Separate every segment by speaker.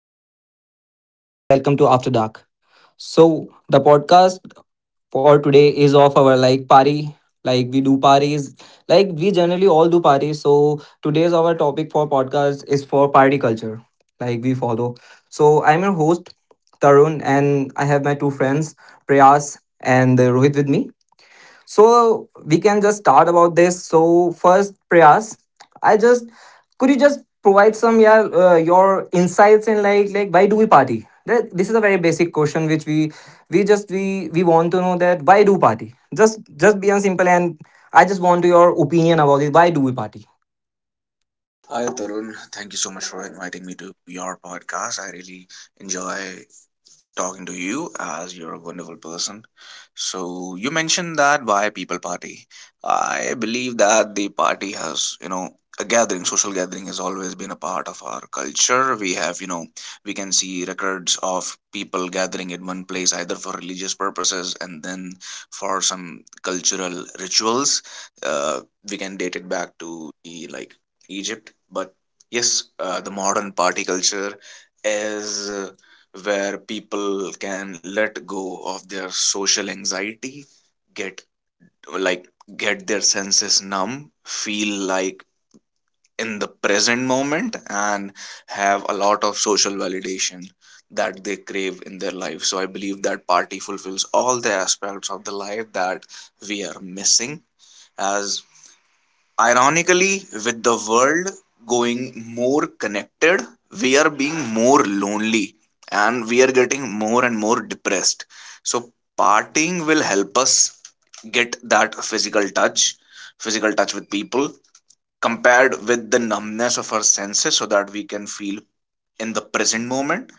Speaker 1: light down, music up, and welcome to After Dark. So, the podcast for today is of our party. Like we do parties, like we generally all do parties. So today's our topic for podcast is for party culture, like we follow. So I'm your host Tarun, and I have my two friends Prayas and Rohit with me. So we can just start about this. So first, Prayas, I just could you just provide some yeah, your insights in like why do we party? That this is a very basic question which we just we want to know that why do party? Just be simple and I just want your opinion about it. Why do we party?
Speaker 2: Hi, Tarun. Thank you so much for inviting me to your podcast. I really enjoy talking to you as you're a wonderful person. So you mentioned that why people party. I believe that the party has, you know, a gathering, social gathering has always been a part of our culture. We have, you know, we can see records of people gathering in one place either for religious purposes and then for some cultural rituals. Uh, we can date it back to the like Egypt, but yes, the modern party culture is where people can let go of their social anxiety, get, like, get their senses numb, feel like in the present moment and have a lot of social validation that they crave in their life. So I believe that party fulfills all the aspects of the life that we are missing as, ironically, with the world going more connected, we are being more lonely and we are getting more and more depressed. So partying will help us get that physical touch with people, compared with the numbness of our senses, so that we can feel in the present moment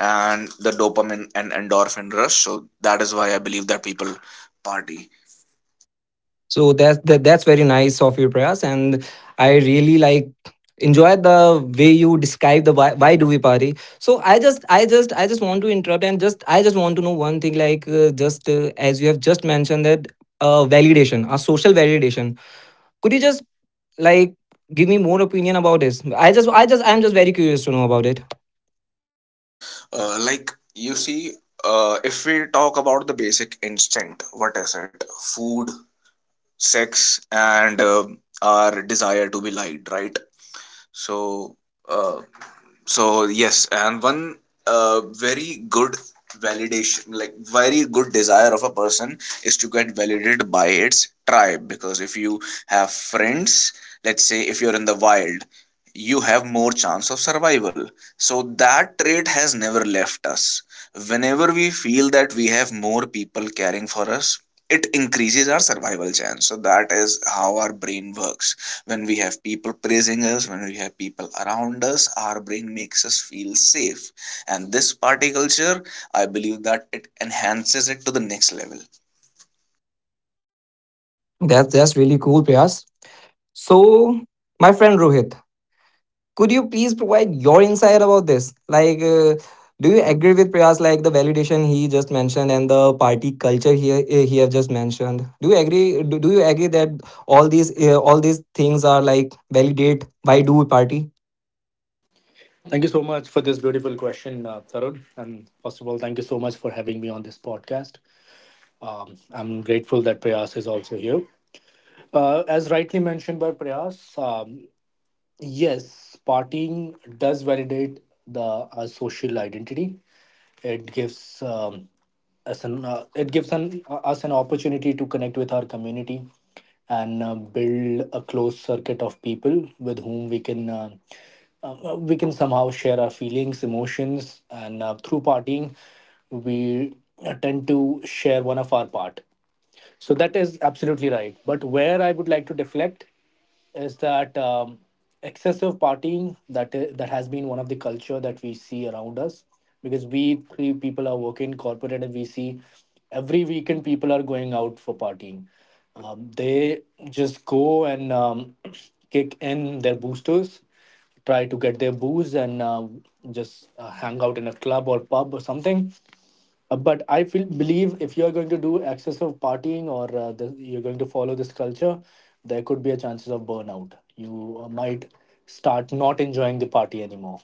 Speaker 2: and the dopamine and endorphin rush. So that is why I believe that people party.
Speaker 1: So that's very nice of you, Prayas, and I really enjoy the way you describe the why do we party. So I just want to interrupt and just I just want to know one thing like just as you have just mentioned that validation, a social validation. Could you just like give me more opinion about this? I'm just very curious to know about it.
Speaker 2: Like you see, if we talk about the basic instinct, what is it? Food, sex, and our desire to be liked, right? So, uh, so yes, and one very good validation, like very good desire of a person, is to get validated by its tribe, because if you have friends, let's say if you're in the wild, you have more chance of survival. So that trait has never left us. Whenever we feel that we have more people caring for us, it increases our survival chance. So that is how our brain works. When we have people praising us, when we have people around us, our brain makes us feel safe. And this party culture, I believe that it enhances it to the next level.
Speaker 1: That's really cool, Prayas. So my friend Rohit. Could you please provide your insight about this? Like, do you agree with Priyas, like the validation he just mentioned and the party culture he have just mentioned? Do you agree? Do you agree that all these things are like validate? Why do we party?
Speaker 3: Thank you so much for this beautiful question, Tarun. And first of all, thank you so much for having me on this podcast. I'm grateful that Prayas is also here. As rightly mentioned by Prayas, yes, partying does validate the social identity. It gives us an it gives us an opportunity to connect with our community and build a close circuit of people with whom we can somehow share our feelings, emotions, and through partying, we tend to share one of our part. So that is absolutely right. But where I would like to deflect is that excessive partying that has been one of the culture that we see around us because we three people are working corporate and we see every weekend people are going out for partying. They just go and kick in their boosters, try to get their booze and just hang out in a club or pub or something but I feel believe if you are going to do excessive partying or you're going to follow this culture, there could be a chances of burnout. You might start not enjoying the party anymore.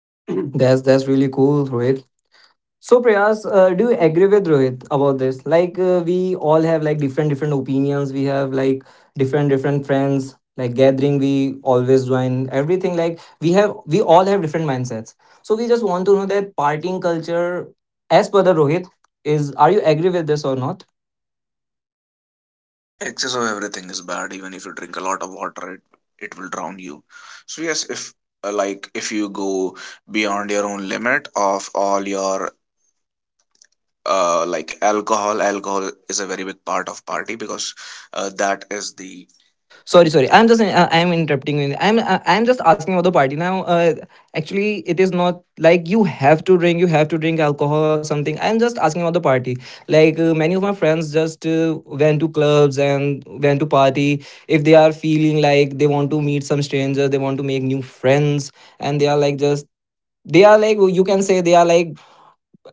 Speaker 1: That's really cool, Rohit. So Prayas, do you agree with Rohit about this? Like we all have like different opinions. We have like different friends. Like gathering, we always join everything. Like we have, we all have different mindsets. So we just want to know that partying culture, as per the Rohit, is are you agree with this or not?
Speaker 2: Excess of everything is bad. Even if you drink a lot of water, it will drown you. So yes, if like if you go beyond your own limit of all your like alcohol, is a very big part of party because that is the—
Speaker 1: Sorry, I'm interrupting you. I'm just asking about the party now. Actually, it is not like you have to drink. Alcohol or something, I'm just asking about the party. Like many of my friends just went to clubs and went to party if they are feeling like they want to meet some stranger, they want to make new friends, and they are like, you can say,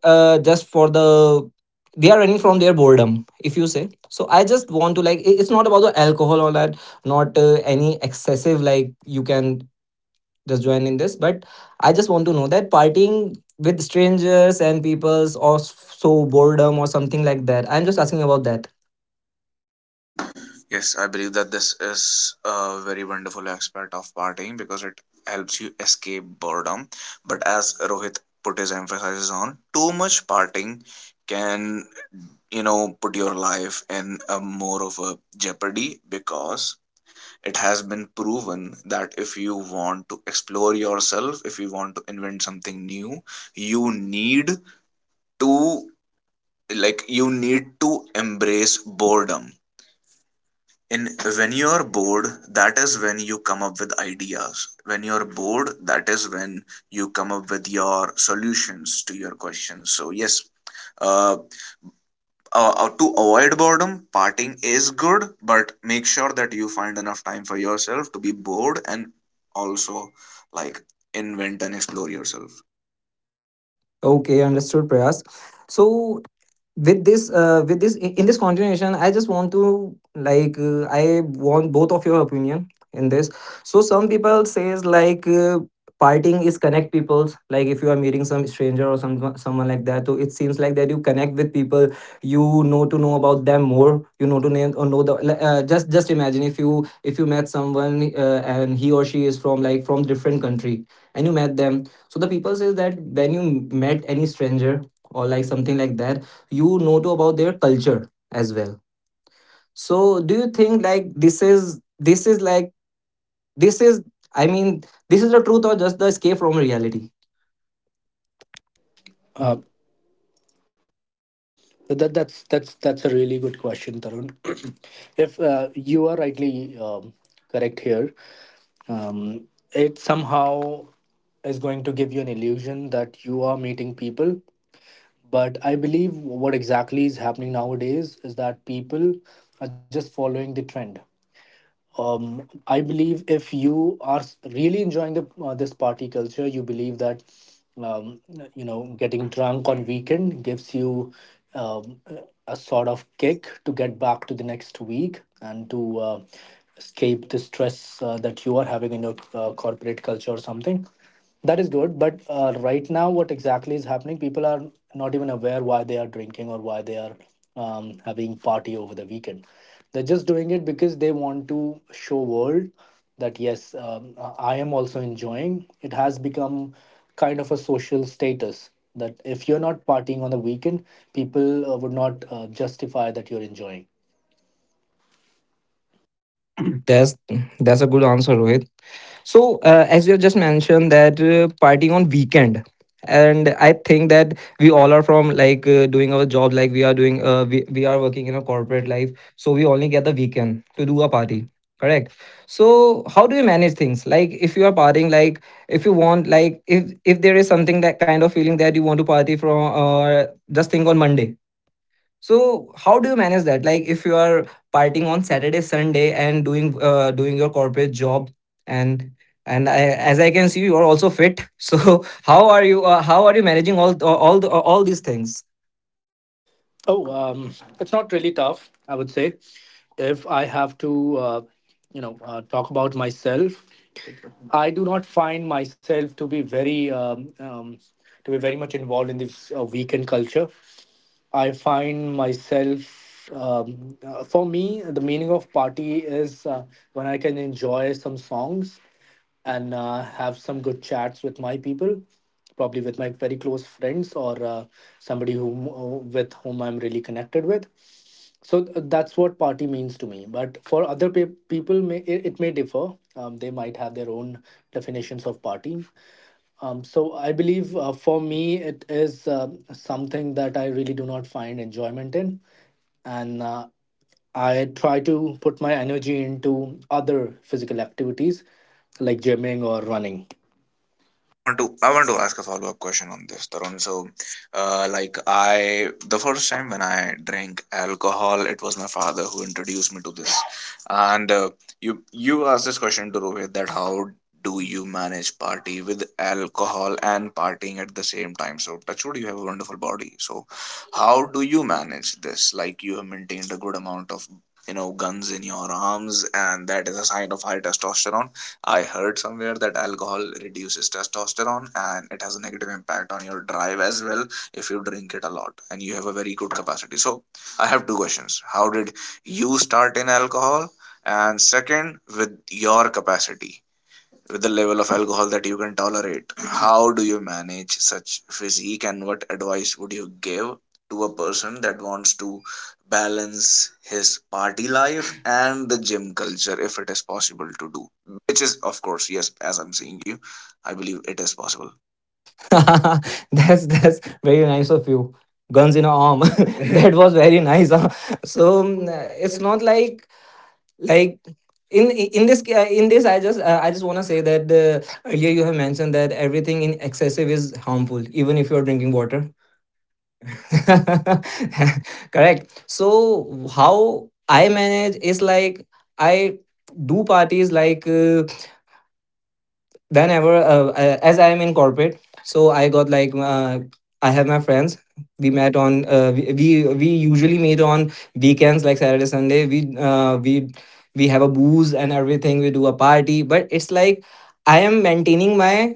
Speaker 1: uh, just for the they are running from their boredom, if you say so. I just want to like, it- it's not about the alcohol or that, not any excessive, like you can just join in this. But I just want to know that partying with strangers and peoples or s- so boredom or something like that, I'm just asking about that.
Speaker 2: Yes, I believe that this is a very wonderful aspect of partying because it helps you escape boredom. But as Rohit put his emphasis on, too much partying can, you know, put your life in a more of a jeopardy, because it has been proven that if you want to explore yourself, if you want to invent something new, you need to, like, you need to embrace boredom. In, when you're bored, that is when you come up with ideas. When you're bored, that is when you come up with your solutions to your questions. So yes, uh, to avoid boredom, parting is good, but make sure that you find enough time for yourself to be bored and also, like, invent and explore yourself.
Speaker 1: Okay, understood, Prayas. So with this, in this continuation, I just want to I want both of your opinion in this. So some people says partying is connect peoples. Like if you are meeting some stranger or some someone like that, so it seems like that you connect with people, you know, to know about them more, you know to name or know the like, just imagine if you, if you met someone and he or she is from like from different country, and you met them. So the people says that when you met any stranger or like something like that, you know to about their culture as well. So do you think like this is, this is i mean this is the truth or just the escape from reality?
Speaker 3: Uh, that's a really good question, Tarun. If you are rightly correct here, um, it somehow is going to give you an illusion that you are meeting people. But I believe what exactly is happening nowadays is that people are just following the trend. I believe if you are really enjoying the this party culture, you believe that um, you know getting drunk on weekend gives you um, a sort of kick to get back to the next week and to escape the stress that you are having in your corporate culture or something. That is good, but right now, what exactly is happening? People are not even aware why they are drinking or why they are having party over the weekend. They're just doing it because they want to show world that yes, I am also enjoying. It has become kind of a social status that if you're not partying on the weekend, people would not justify that you're enjoying.
Speaker 1: That's a good answer, Rohit. So, as you have just mentioned that partying on weekend, and I think that we all are from like doing our job, like we are doing, we are working in a corporate life, so we only get the weekend to do a party. Correct. So, how do you manage things? Like, if you are partying, like if you want, like if there is something that kind of feeling that you want to party from, just think on Monday, so how do you manage that? Like if you are partying on Saturday, Sunday, and doing doing your corporate job, and and I, as I can see, you are also fit. So how are you? How are you managing all these things?
Speaker 3: Oh, it's not really tough, I would say. If I have to, you know, talk about myself, I do not find myself to be very much involved in this weekend culture. I find myself, for me, the meaning of party is when I can enjoy some songs and have some good chats with my people, probably with my very close friends or somebody whom, with whom I'm really connected with. So that's what party means to me. But for other people, may, it may differ. They might have their own definitions of party. So I believe for me it is something that I really do not find enjoyment in, and I try to put my energy into other physical activities like gymming or running.
Speaker 2: I want to, I want to ask a follow up question on this, Tarun. So, like, I, the first time when I drank alcohol, it was my father who introduced me to this. And you, you asked this question to Rohit that how do you manage party with alcohol and partying at the same time? So, touchwood, you have a wonderful body. So how do you manage this? Like, you have maintained a good amount of, you know, guns in your arms, and that is a sign of high testosterone. I heard somewhere that alcohol reduces testosterone and it has a negative impact on your drive as well if you drink it a lot, and you have a very good capacity. So I have two questions. How did you start in alcohol? And second, with your capacity, with the level of alcohol that you can tolerate, how do you manage such physique, and what advice would you give to a person that wants to balance his party life and the gym culture, if it is possible to do? Which is, of course, yes, as I'm saying you, I believe it is possible.
Speaker 1: That's very nice of you. Guns in a arm. That was very nice. Huh? So
Speaker 3: Um,
Speaker 1: it's
Speaker 3: it's
Speaker 1: not like, like in this ca- in this I just want to say that earlier you have mentioned that everything in excessive is harmful, even if you are drinking water. Correct. So how I manage is like I do parties like whenever as I am in corporate. So I got like I have my friends. We met on we usually meet on weekends like Saturday Sunday. We have a booze and everything. We do a party, but it's like I am maintaining my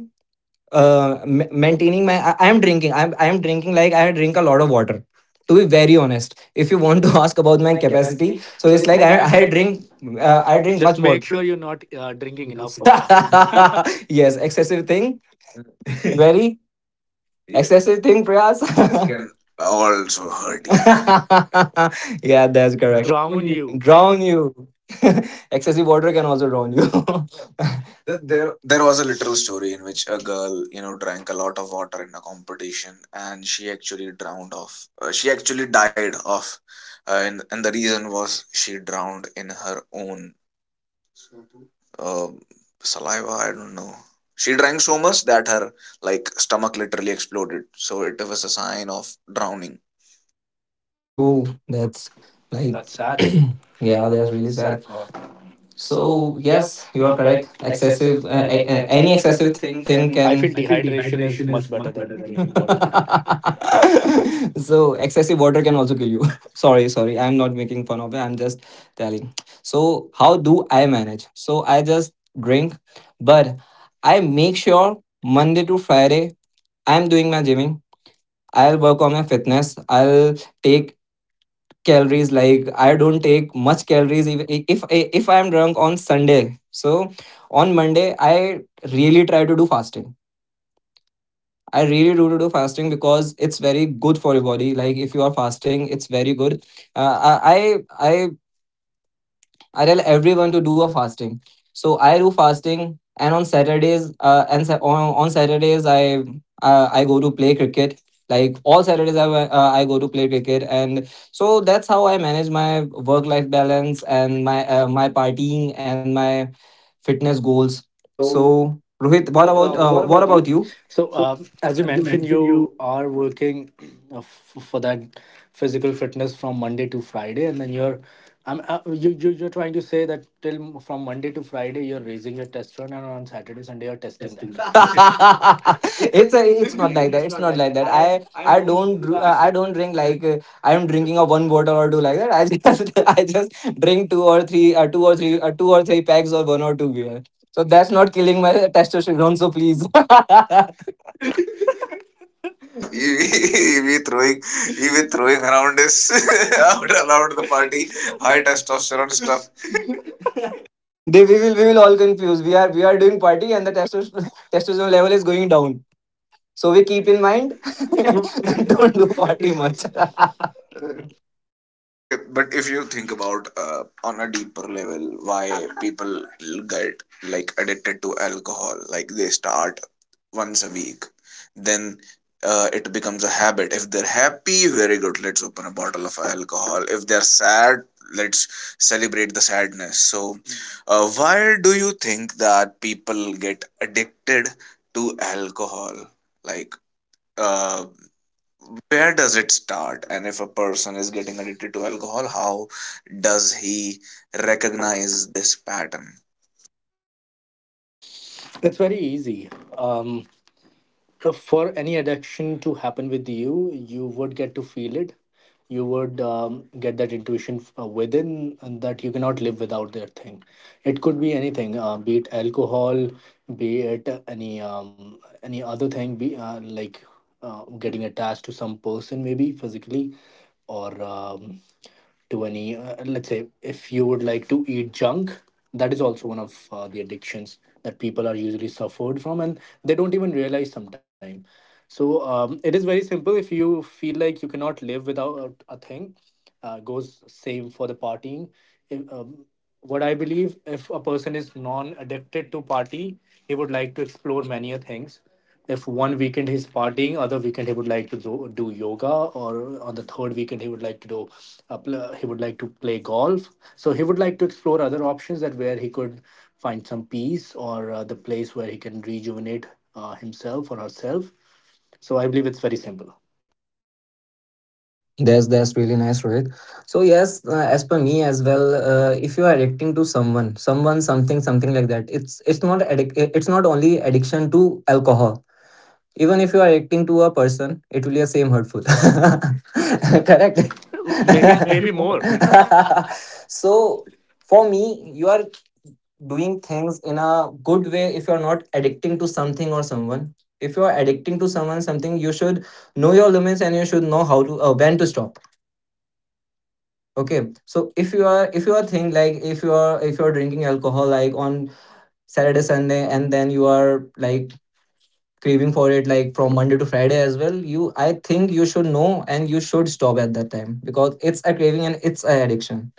Speaker 1: I am drinking, I am drinking like I drink a lot of water, to be very honest. If you want to ask about
Speaker 3: about
Speaker 1: my
Speaker 3: my
Speaker 1: capacity,
Speaker 3: capacity.
Speaker 1: so
Speaker 3: So
Speaker 1: it's
Speaker 3: it's
Speaker 1: like
Speaker 3: like
Speaker 1: I
Speaker 3: I
Speaker 1: drink,
Speaker 3: drink.
Speaker 1: I
Speaker 3: I
Speaker 1: drink
Speaker 3: drink.
Speaker 1: much
Speaker 3: Just make
Speaker 1: water.
Speaker 3: sure you're not drinking
Speaker 1: Enough
Speaker 3: enough water.
Speaker 1: water. Yes,
Speaker 3: Yes.
Speaker 1: excessive thing. Very Yeah. Excessive thing, Prayas.
Speaker 2: This can also hurt you.
Speaker 1: Yeah, that's correct. Drown
Speaker 3: Drown
Speaker 1: you.
Speaker 3: you.
Speaker 1: Drown you. Excessive water can also drown you.
Speaker 2: Then there was a literal story in which a girl, you know, drank a lot of water in a competition, and she actually drowned off. She actually died off, and the reason was she drowned in her own uh, saliva. I don't know. She drank so much that her, like, stomach literally exploded. So it was a sign of drowning.
Speaker 1: Oh, that's like
Speaker 3: That's sad. Yeah,
Speaker 1: yeah, that's
Speaker 3: that's
Speaker 1: really
Speaker 3: really
Speaker 1: sad.
Speaker 3: sad.
Speaker 1: So
Speaker 3: So
Speaker 1: yes,
Speaker 3: yes,
Speaker 1: you are
Speaker 3: you're
Speaker 1: correct.
Speaker 3: correct. Excessive,
Speaker 1: Any
Speaker 3: any
Speaker 1: excessive
Speaker 3: excessive
Speaker 1: thing
Speaker 3: thing can.
Speaker 1: can.
Speaker 3: I feel dehydration is much better than drinking water then.
Speaker 1: So excessive water can also kill you. Sorry, sorry. I'm not making fun of it. I'm just telling. So how do I manage? So I just drink, but I make sure Monday to Friday I'm doing my gymming. I'll work on my fitness. I'll take calories, like I don't take much calories. If I am drunk on Sunday, so on Monday I really try to do fasting. I really do to do fasting because it's very good for your body. Like if you are fasting, it's very good. uh, i i I I tell everyone to do a fasting. So I do fasting, and on Saturdays, on Saturdays I go to play cricket. Like all Saturdays, I go to play cricket, and so that's how I manage my work life balance and my my partying and my fitness goals.
Speaker 3: So
Speaker 1: So Rohit,
Speaker 3: what
Speaker 1: what
Speaker 3: about
Speaker 1: about
Speaker 3: you?
Speaker 1: you?
Speaker 3: So, as you mentioned, you are working for that physical fitness from Monday to Friday, and then you're, you, you you're trying to say that from Monday to Friday you're raising your testosterone, and on Saturday Sunday you're testing that. It's a,
Speaker 1: It's a,
Speaker 3: it's not
Speaker 1: it's not
Speaker 3: like
Speaker 1: like
Speaker 3: that.
Speaker 1: that,
Speaker 3: It's
Speaker 1: it's
Speaker 3: not
Speaker 1: not
Speaker 3: like
Speaker 1: like
Speaker 3: that.
Speaker 1: that.
Speaker 3: I I don't. I
Speaker 1: I don't drink like I'm drinking of one bottle or two like that. I just I just drink two or three packs or one or two beer. So that's not killing my testosterone, so please.
Speaker 2: he he be throwing, he be throwing around this out around the party high testosterone stuff.
Speaker 1: They, we will all confuse, we are doing party and the testosterone testosterone level is going down. So we keep in
Speaker 3: we
Speaker 1: mind,
Speaker 3: don't
Speaker 1: don't
Speaker 3: do
Speaker 1: do
Speaker 3: party
Speaker 1: party
Speaker 3: much.
Speaker 1: much.
Speaker 2: Okay, but if you think about, on a deeper level, why people get, like, addicted to alcohol, like they start once a week, then it becomes a habit. If they're happy, very good, let's open a bottle of alcohol. If they're sad, let's celebrate the sadness. So, why do you think that people get addicted to alcohol? Like, uh, where does it start, and if a person is getting addicted to alcohol, how does he recognize this pattern?
Speaker 3: It's very easy. Um, for any addiction to happen with you, you would get to feel it. You would get that intuition within and that you cannot live without that thing. It could be anything, be it alcohol, be it any other thing, be like getting attached to some person maybe physically, or to any let's say if you would like to eat junk, that is also one of the addictions that people are usually suffered from and they don't even realize sometime. So it is very simple. If you feel like you cannot live without a thing, goes same for the partying. If, What I believe, if a person is non addicted to party, he would like to explore many a things. If one weekend he's partying, other weekend he would like to do yoga, or on the third weekend he would like to do he would like to play golf. So he would like to explore other options, that where he could find some peace or the place where he can rejuvenate himself or herself. So I believe it's very simple.
Speaker 1: That's really nice, Rohit. So yes, as per me as well, if you are addicting to someone, someone, something, something like that, it's not addic-, it's not only addiction to alcohol. Even if you are addicting to a person, it will be the same hurtful. Correct.
Speaker 3: Correct. Maybe maybe more.
Speaker 1: So
Speaker 3: So
Speaker 1: for me, you are doing things in a good way if you are not addicting to something or someone. If you are addicting to someone something, you should know your limits and you should know how to when to stop. Okay, so if you are, if you are thinking, like if you are, if you are drinking alcohol like on Saturday Sunday and then you are like craving for it like from Monday to Friday as well, you, I think you should know and you should stop at that time because it's a craving and it's a addiction.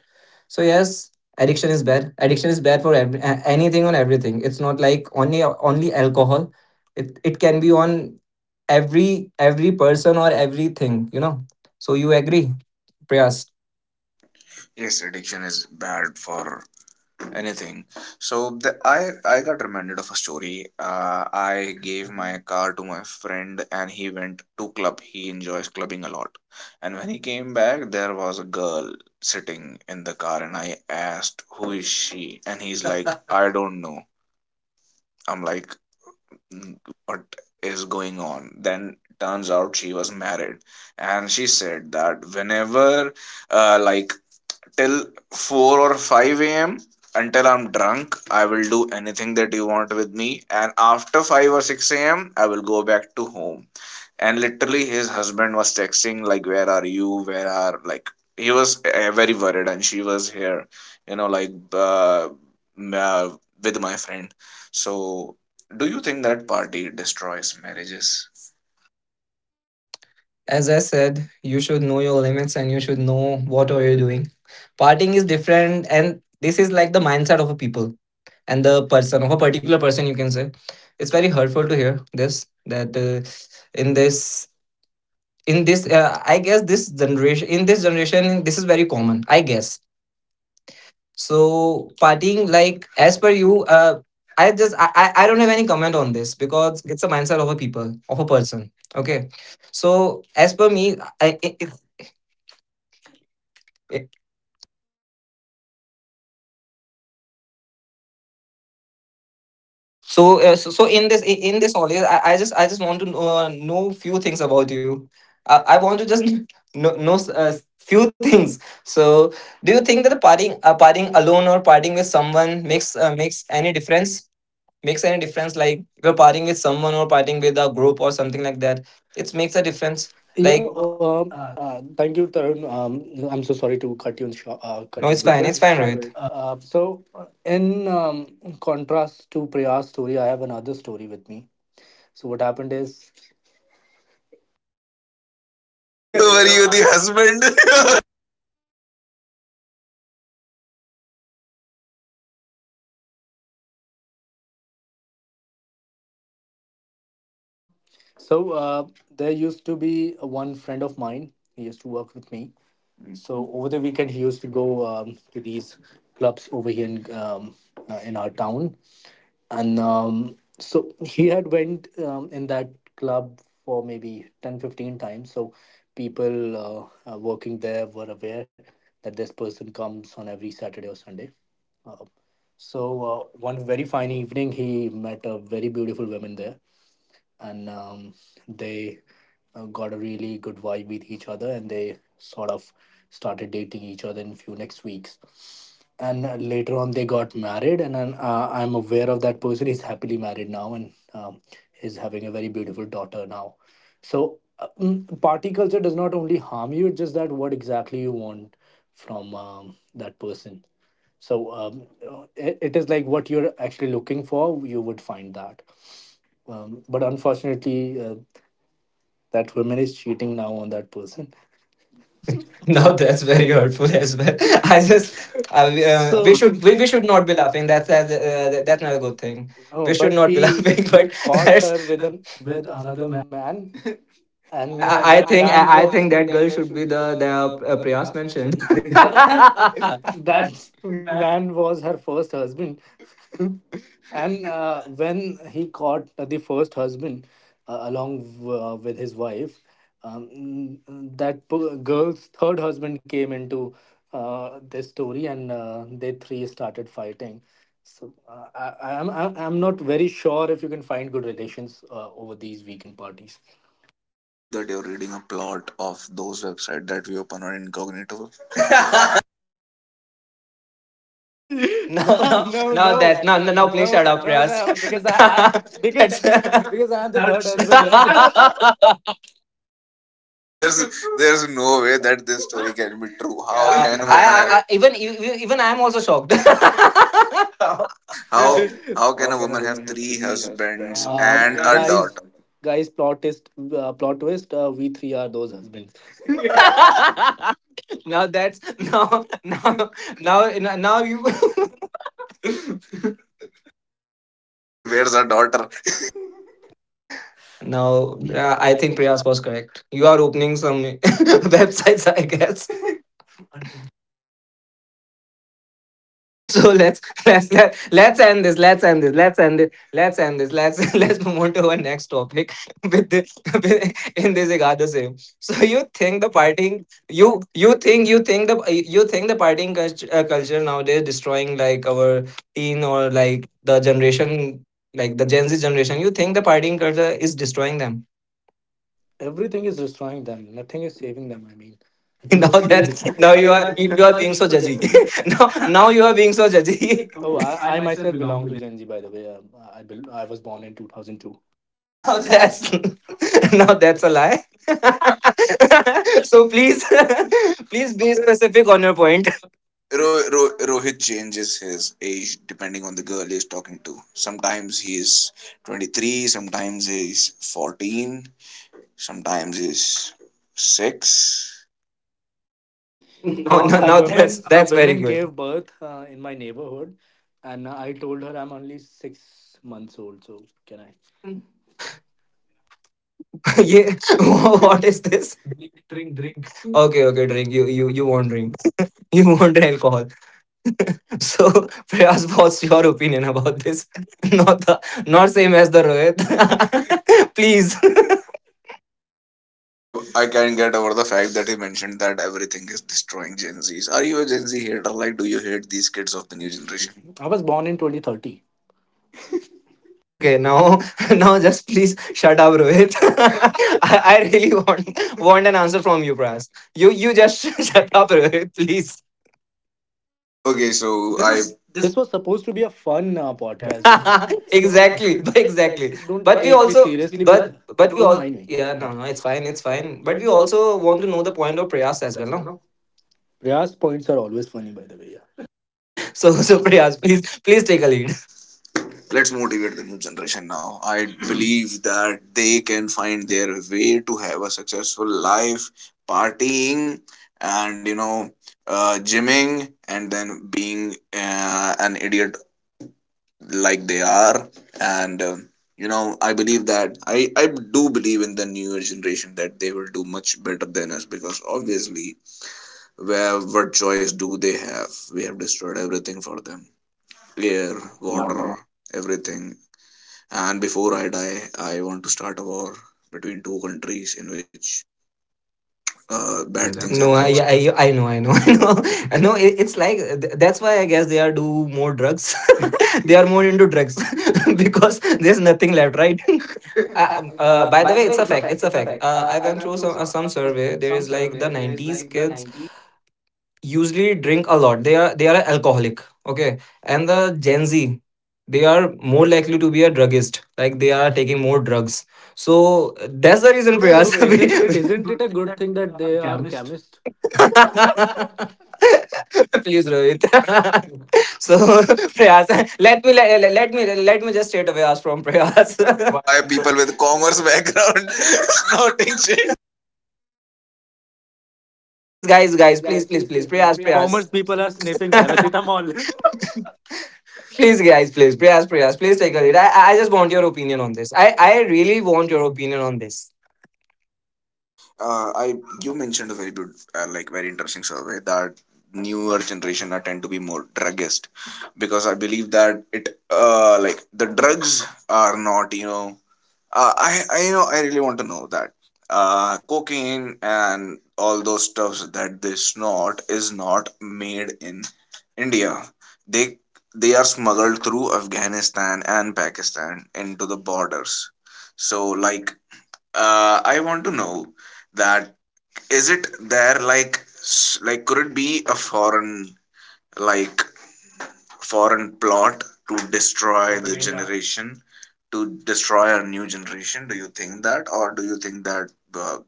Speaker 1: So yes, addiction is bad. Addiction is bad for anything on everything. It's not like only alcohol. It can be on every person or everything. You know. So you agree, Priyas?
Speaker 2: Yes, addiction is bad for anything. So the, I got reminded of a story. I gave my car to my friend and he went to club. He enjoys clubbing a lot, and when he came back, there was a girl sitting in the car, and I asked, who is she? And he's like, I don't know. I'm like, what is going on then? Turns out she was married, and she said that whenever like till 4 or 5 a.m., until I'm drunk, I will do anything that you want with me. And after 5 or 6 a.m., I will go back to home. And literally, his husband was texting, like, where are you? Where are, like, he was very worried. And she was here, you know, like, uh, with my friend. So do you think that party destroys marriages?
Speaker 1: As I said, you should know your limits and you should know what are you doing. Partying is different, and this is like the mindset of a people and the person of a particular person. You can say it's very hurtful to hear this that in this in this I guess this generation, in this generation this is very common. I guess so. Partying like as per you, I just I don't have any comment on this because it's a mindset of a people of a person. Okay, so as per me, I, So, so, so in this all, I just want to know few things about you. I want to just know few things. So, do you think that the partying, partying alone or partying with someone makes makes any difference? Makes any difference? Like if you're partying with someone or partying with a group or something like that, it makes a difference.
Speaker 3: defense, you
Speaker 1: Like,
Speaker 3: know, thank you, Tarun. I'm so sorry to cut you in short, cut you
Speaker 1: no,
Speaker 3: in
Speaker 1: it's
Speaker 3: It's between.
Speaker 1: fine,
Speaker 3: Fine, it's fine, Rohit.
Speaker 1: Rohit.
Speaker 3: So in contrast to Priya's story, I have another story with me. So what happened is,
Speaker 2: Were you the husband?
Speaker 3: so there used to be one friend of mine. He used to work with me. So over the weekend, he used to go to these clubs over here in our town, and so he had went in that club for maybe 10, 15 times. So people working there were aware that this person comes on every Saturday or Sunday. uh, One very fine evening, he met a very beautiful woman there, and they got a really good vibe with each other, and they sort of started dating each other in few next weeks, and later on they got married. And then, I'm aware of that person, he's happily married now and is having a very beautiful daughter now. So party culture does not only harm you. It's just that what exactly you want from that person. So it is like what you're actually looking for, you would find that. But unfortunately, that woman is cheating now on that person.
Speaker 1: No,
Speaker 3: No,
Speaker 1: that's
Speaker 3: that's
Speaker 1: very
Speaker 3: very good.
Speaker 1: hurtful as well. I
Speaker 3: I
Speaker 1: just
Speaker 3: just,
Speaker 1: I,
Speaker 3: I mean, uh,
Speaker 1: we
Speaker 3: so
Speaker 1: So should we
Speaker 3: we
Speaker 1: should
Speaker 3: should
Speaker 1: not
Speaker 3: not
Speaker 1: be
Speaker 3: be
Speaker 1: laughing.
Speaker 3: laughing.
Speaker 1: That's
Speaker 3: That's a,
Speaker 1: that's uh, that's
Speaker 3: that's
Speaker 1: not a
Speaker 3: not a
Speaker 1: good
Speaker 3: good
Speaker 1: thing.
Speaker 3: thing.
Speaker 1: um,
Speaker 3: No,
Speaker 1: We
Speaker 3: we
Speaker 1: should
Speaker 3: but should
Speaker 1: not
Speaker 3: not-
Speaker 1: be laughing. But
Speaker 3: he caught
Speaker 1: that's
Speaker 3: her with an with another man. And I, that I band think
Speaker 1: I
Speaker 3: was I
Speaker 1: think
Speaker 3: think
Speaker 1: that
Speaker 3: that
Speaker 1: girl
Speaker 3: girl
Speaker 1: should be
Speaker 3: should be
Speaker 1: the
Speaker 3: the
Speaker 1: Priyas
Speaker 3: Priyas
Speaker 1: mentioned.
Speaker 3: mentioned. That man was her first husband. And when he caught the first husband along with his wife, um, that girl's third husband came into this story, and they three started fighting. So I, I'm not very sure if you can find good relations over these weekend parties.
Speaker 2: I believe that you're reading a plot of those website that we open on incognito.
Speaker 3: No, no,
Speaker 1: no no
Speaker 3: not
Speaker 1: no,
Speaker 3: no,
Speaker 1: that's
Speaker 3: that.
Speaker 1: no
Speaker 3: No,
Speaker 1: no
Speaker 3: no,
Speaker 1: no
Speaker 3: no. Please,
Speaker 1: please
Speaker 3: no,
Speaker 1: shut
Speaker 3: shut
Speaker 1: up,
Speaker 3: up, no,
Speaker 1: Priyas.
Speaker 3: no, because I because
Speaker 1: that's
Speaker 3: because I'm the third husband, you know.
Speaker 2: Because there's no way that this story can be true. How— yeah—
Speaker 1: yeah.
Speaker 2: can
Speaker 1: I,
Speaker 2: a woman
Speaker 1: I,
Speaker 2: have,
Speaker 1: I even I am also shocked.
Speaker 2: how, how
Speaker 3: how,
Speaker 2: how can
Speaker 3: how
Speaker 2: a
Speaker 3: can a
Speaker 2: woman have
Speaker 3: woman have
Speaker 2: three
Speaker 3: three
Speaker 2: husbands?
Speaker 3: husbands? Um,
Speaker 2: And
Speaker 3: and
Speaker 2: that a daughter?
Speaker 3: guys, guys, plot twist, plot twist. We three are those husbands.
Speaker 1: Now that's now now now now you
Speaker 2: But where's her daughter?
Speaker 1: now
Speaker 3: Now,
Speaker 1: I
Speaker 3: I
Speaker 1: think
Speaker 3: think we
Speaker 1: Priyas
Speaker 3: are.
Speaker 1: was correct. You are opening some websites, I guess. So let's end this let's end this let's end it let's end this let's Let's move on to our next topic with, the, with in this igada same. So you think the partying you you think you think the you think the partying culture nowadays destroying like our teen or like the generation, like the Gen Z generation, you think the partying culture is destroying them?
Speaker 3: Everything is destroying them. Nothing is saving them. I mean, if you
Speaker 1: Now
Speaker 3: now, see,
Speaker 1: that's now
Speaker 3: now
Speaker 1: you
Speaker 3: you
Speaker 1: are
Speaker 3: are
Speaker 1: being
Speaker 3: being
Speaker 1: so
Speaker 3: so
Speaker 1: judgy.
Speaker 3: generous.
Speaker 1: Now you are being so judgy.
Speaker 3: Oh, I myself belong to Gen Z, by the way. I was born in 2002.
Speaker 1: No,
Speaker 2: No, that's not—
Speaker 1: that's now that's a lie. So please, please be specific on your point.
Speaker 2: no, Ro-, Ro-, Rohit changes his age depending on the girl he's talking to. Sometimes he's 23, sometimes he's 14, sometimes he's 6.
Speaker 1: Now,
Speaker 3: Now, a now woman
Speaker 1: that's
Speaker 3: a like
Speaker 1: very
Speaker 3: woman
Speaker 1: good.
Speaker 3: gave birth in my neighborhood, and I told her I'm only 6 months old, so can I?
Speaker 1: Yeah, what is this? Okay, okay, drink. You won't drink. You won't drink alcohol. So, Prayas, what's your opinion about this? Not the, not same as the Rohit. Please.
Speaker 2: I can't get over the fact that he mentioned that everything is destroying Gen Zs. Are you a Gen Z hater? Like, do you hate these kids of the new generation?
Speaker 3: I was born in 2030.
Speaker 1: Okay, now now just please shut up, Rohit. I really want an answer from you, Pras. You just shut up, Rohit, please.
Speaker 2: Okay, so I— this—
Speaker 3: This was supposed to be a fun podcast, guys. So
Speaker 1: Exactly,
Speaker 3: exactly,
Speaker 1: but exactly.
Speaker 3: exactly, don't but
Speaker 1: But
Speaker 3: we
Speaker 1: we
Speaker 3: take me also
Speaker 1: also,
Speaker 3: seriously,
Speaker 1: but but
Speaker 3: but
Speaker 1: we
Speaker 3: don't also
Speaker 1: all,
Speaker 3: mind also me,
Speaker 1: yeah,
Speaker 3: yeah, yeah,
Speaker 1: no,
Speaker 3: no, I,
Speaker 1: it's fine,
Speaker 3: and it's fine.
Speaker 1: but
Speaker 3: But
Speaker 1: we
Speaker 3: we
Speaker 1: also
Speaker 3: also
Speaker 1: want
Speaker 3: want
Speaker 1: to
Speaker 3: to
Speaker 1: know
Speaker 3: know
Speaker 1: the
Speaker 3: the
Speaker 1: point
Speaker 3: point
Speaker 1: of
Speaker 3: of
Speaker 1: Prayas
Speaker 3: Prayas
Speaker 1: as
Speaker 3: as
Speaker 1: well,
Speaker 3: well,
Speaker 1: no?
Speaker 3: no? Priyas points are always funny, by the way. Yeah.
Speaker 1: So Prayas, please take a lead.
Speaker 2: let's motivate the new generation now. I believe that they can find their way to have a successful life, partying, and, you know, gymming, and then being an idiot like they are. And um, you know, I believe that I do believe in the newer generation that they will do much better than us, because obviously, where, what choice do they have? We have destroyed everything for them. Air,
Speaker 3: Yeah,
Speaker 2: water,
Speaker 3: water.
Speaker 2: everything. And before I die, I want to start a war between two countries in which bad things happen.
Speaker 1: No,
Speaker 2: No.
Speaker 1: I know, I know. No, it's like that's why I guess they are do more drugs. They are more into drugs. Because there's nothing left, right?
Speaker 3: Uh,
Speaker 1: By
Speaker 3: by
Speaker 1: the
Speaker 3: the
Speaker 1: way,
Speaker 3: way,
Speaker 1: it's
Speaker 3: it's
Speaker 1: a
Speaker 3: a
Speaker 1: fact.
Speaker 3: fact.
Speaker 1: It's a
Speaker 3: It's a
Speaker 1: fact.
Speaker 3: fact.
Speaker 1: I
Speaker 3: I
Speaker 1: went
Speaker 3: went
Speaker 1: through
Speaker 3: through
Speaker 1: some
Speaker 3: some
Speaker 1: survey.
Speaker 3: survey.
Speaker 1: There
Speaker 3: There
Speaker 1: is
Speaker 3: is
Speaker 1: like
Speaker 3: like
Speaker 1: the
Speaker 3: the 90.
Speaker 1: 90s kids usually drink a lot. They are, they are alcoholic. Okay. And the Gen Z, they are more likely to be a druggist, like they are taking more drugs. So that's
Speaker 3: That's
Speaker 1: the
Speaker 3: why he's
Speaker 1: reason,
Speaker 3: a so unfair.
Speaker 1: Prayas.
Speaker 3: Isn't isn't it a good
Speaker 1: It's
Speaker 3: thing that they are chemists?
Speaker 1: please, Rohit. So Prayas, let me let, let me let me just straight away ask from Prayas.
Speaker 2: But
Speaker 1: Why
Speaker 2: why
Speaker 1: people—
Speaker 2: people with commerce background snorting shit?
Speaker 1: guys,
Speaker 3: Guys, guys,
Speaker 1: please,
Speaker 3: please, please,
Speaker 1: please,
Speaker 3: please, please.
Speaker 1: Prayas,
Speaker 3: Commerce
Speaker 1: Prayas.
Speaker 3: people are sniffing paracetamol.
Speaker 1: Please, guys, please, Prayas, please take a lead. I just want your opinion on this. I really want your opinion on this.
Speaker 2: I, you mentioned a very good, like very interesting survey that newer generation are tend to be more druggist, because I believe that it, uh, like the drugs are not, you know, I, you know, I really want to know that, cocaine and all those stuffs that they snort is not made in India. they they are smuggled through Afghanistan and Pakistan into the borders. So, like, I want to know that, is it there, like, s-, like, could it be a foreign, like, foreign plot to destroy the— yeah— generation, to destroy a new generation? Do you think that, or do you think that uh,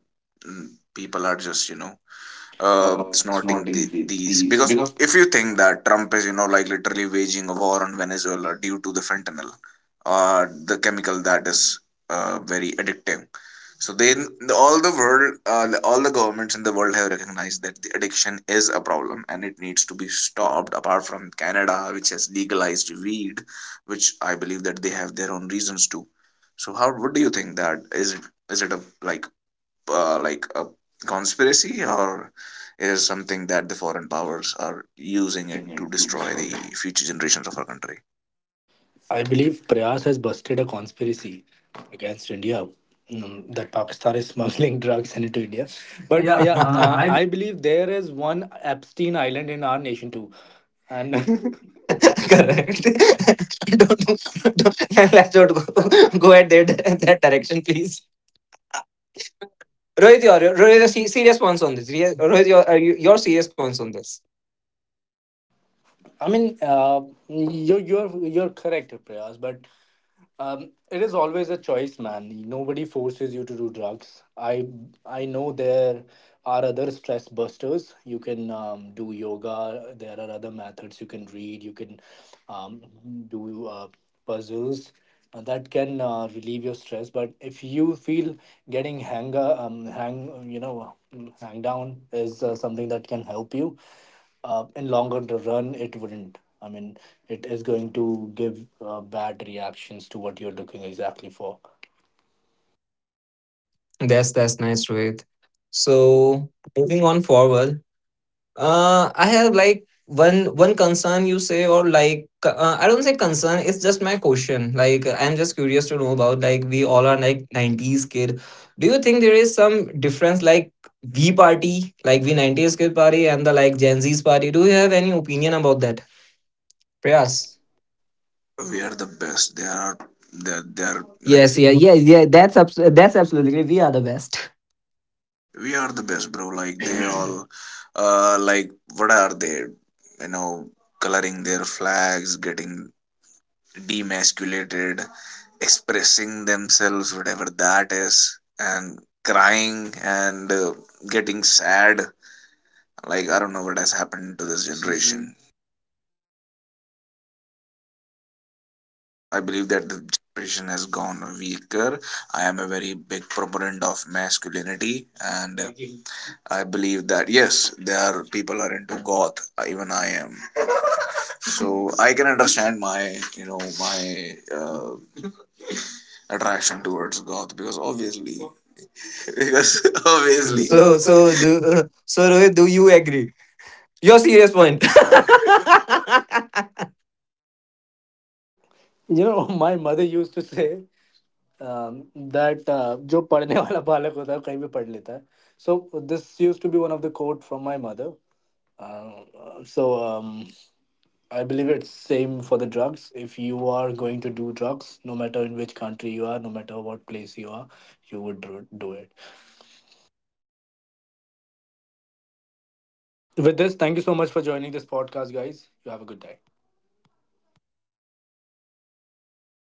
Speaker 2: mm, people are just, you know, snorting
Speaker 3: Snorting
Speaker 2: the,
Speaker 3: the,
Speaker 2: these?
Speaker 3: these
Speaker 2: Because
Speaker 3: because
Speaker 2: if you think that Trump is, you know, like literally waging a war on Venezuela due to the fentanyl, the chemical that is very addictive. So then all the world, all the governments in the world have recognized that the addiction is a problem and it needs to be stopped. Apart from Canada, which has legalized weed, which I believe that they have their own reasons to. So how, what do you think, that is it, is it a, like, like a conspiracy, or it is something that the foreign powers are using
Speaker 3: using
Speaker 2: it
Speaker 3: it
Speaker 2: to
Speaker 3: to
Speaker 2: destroy
Speaker 3: destroy it.
Speaker 2: the future generations of our country?
Speaker 3: I believe Prayas has busted a conspiracy against India, that Pakistan is smuggling drugs into India. But yeah, I believe there is one Epstein Island in our nation too. And
Speaker 1: Correct. Don't, let's not go, go at that, that direction, please. Rohit, Rohit, your serious points on this. Your serious points on this.
Speaker 3: I mean, you you're correct, Prayas, but it is always a choice, man. Nobody forces you to do drugs. I know there are other stress busters. You can do yoga. There are other methods. You can read. You can um, do puzzles that can relieve your stress. But if you feel getting hang, you know, hang down is something that can help you, in longer the run it wouldn't. I mean, it is going to give bad reactions to what you're looking exactly for.
Speaker 1: That's nice, Rohit. So moving on forward, I have like one concern, you say, or like I don't say concern. It's just my question. Like I'm just curious to know about, like, we all are like 90s kid. Do you think there is some difference like we party like we 90s kid party and the like Gen Z's party? Do you have any opinion about that, Prayas?
Speaker 3: Yes.
Speaker 2: We are the best. They are, they are, they are like, yes,
Speaker 1: Yes, yeah. That's that's absolutely. We are the best.
Speaker 2: we are the best, bro. Like, they all, like, what are they, you know, coloring their flags, getting demasculated, expressing themselves whatever that is, and crying and getting sad. Like, I don't know what has happened to this generation. So yes, I believe that the generation has gone weaker. I am a very big proponent of masculinity, and I believe that yes, there are people are into goth. Even I am, so I can understand my, you know, my uh, attraction towards goth, because obviously because obviously
Speaker 1: Amazing. So so do so Rohit, do you agree? Your serious point.
Speaker 3: You know, my mother used to say that जो पढ़ने वाला बालक होता है कहीं भी पढ़ लेता है. So this used to be one of the quote from my mother. uh, so um, I believe it's same for the drugs. If you are going to do drugs, no matter in which country you are, no matter what place you are, you would do it. With this, thank you so much for joining this podcast, guys. You have a good day.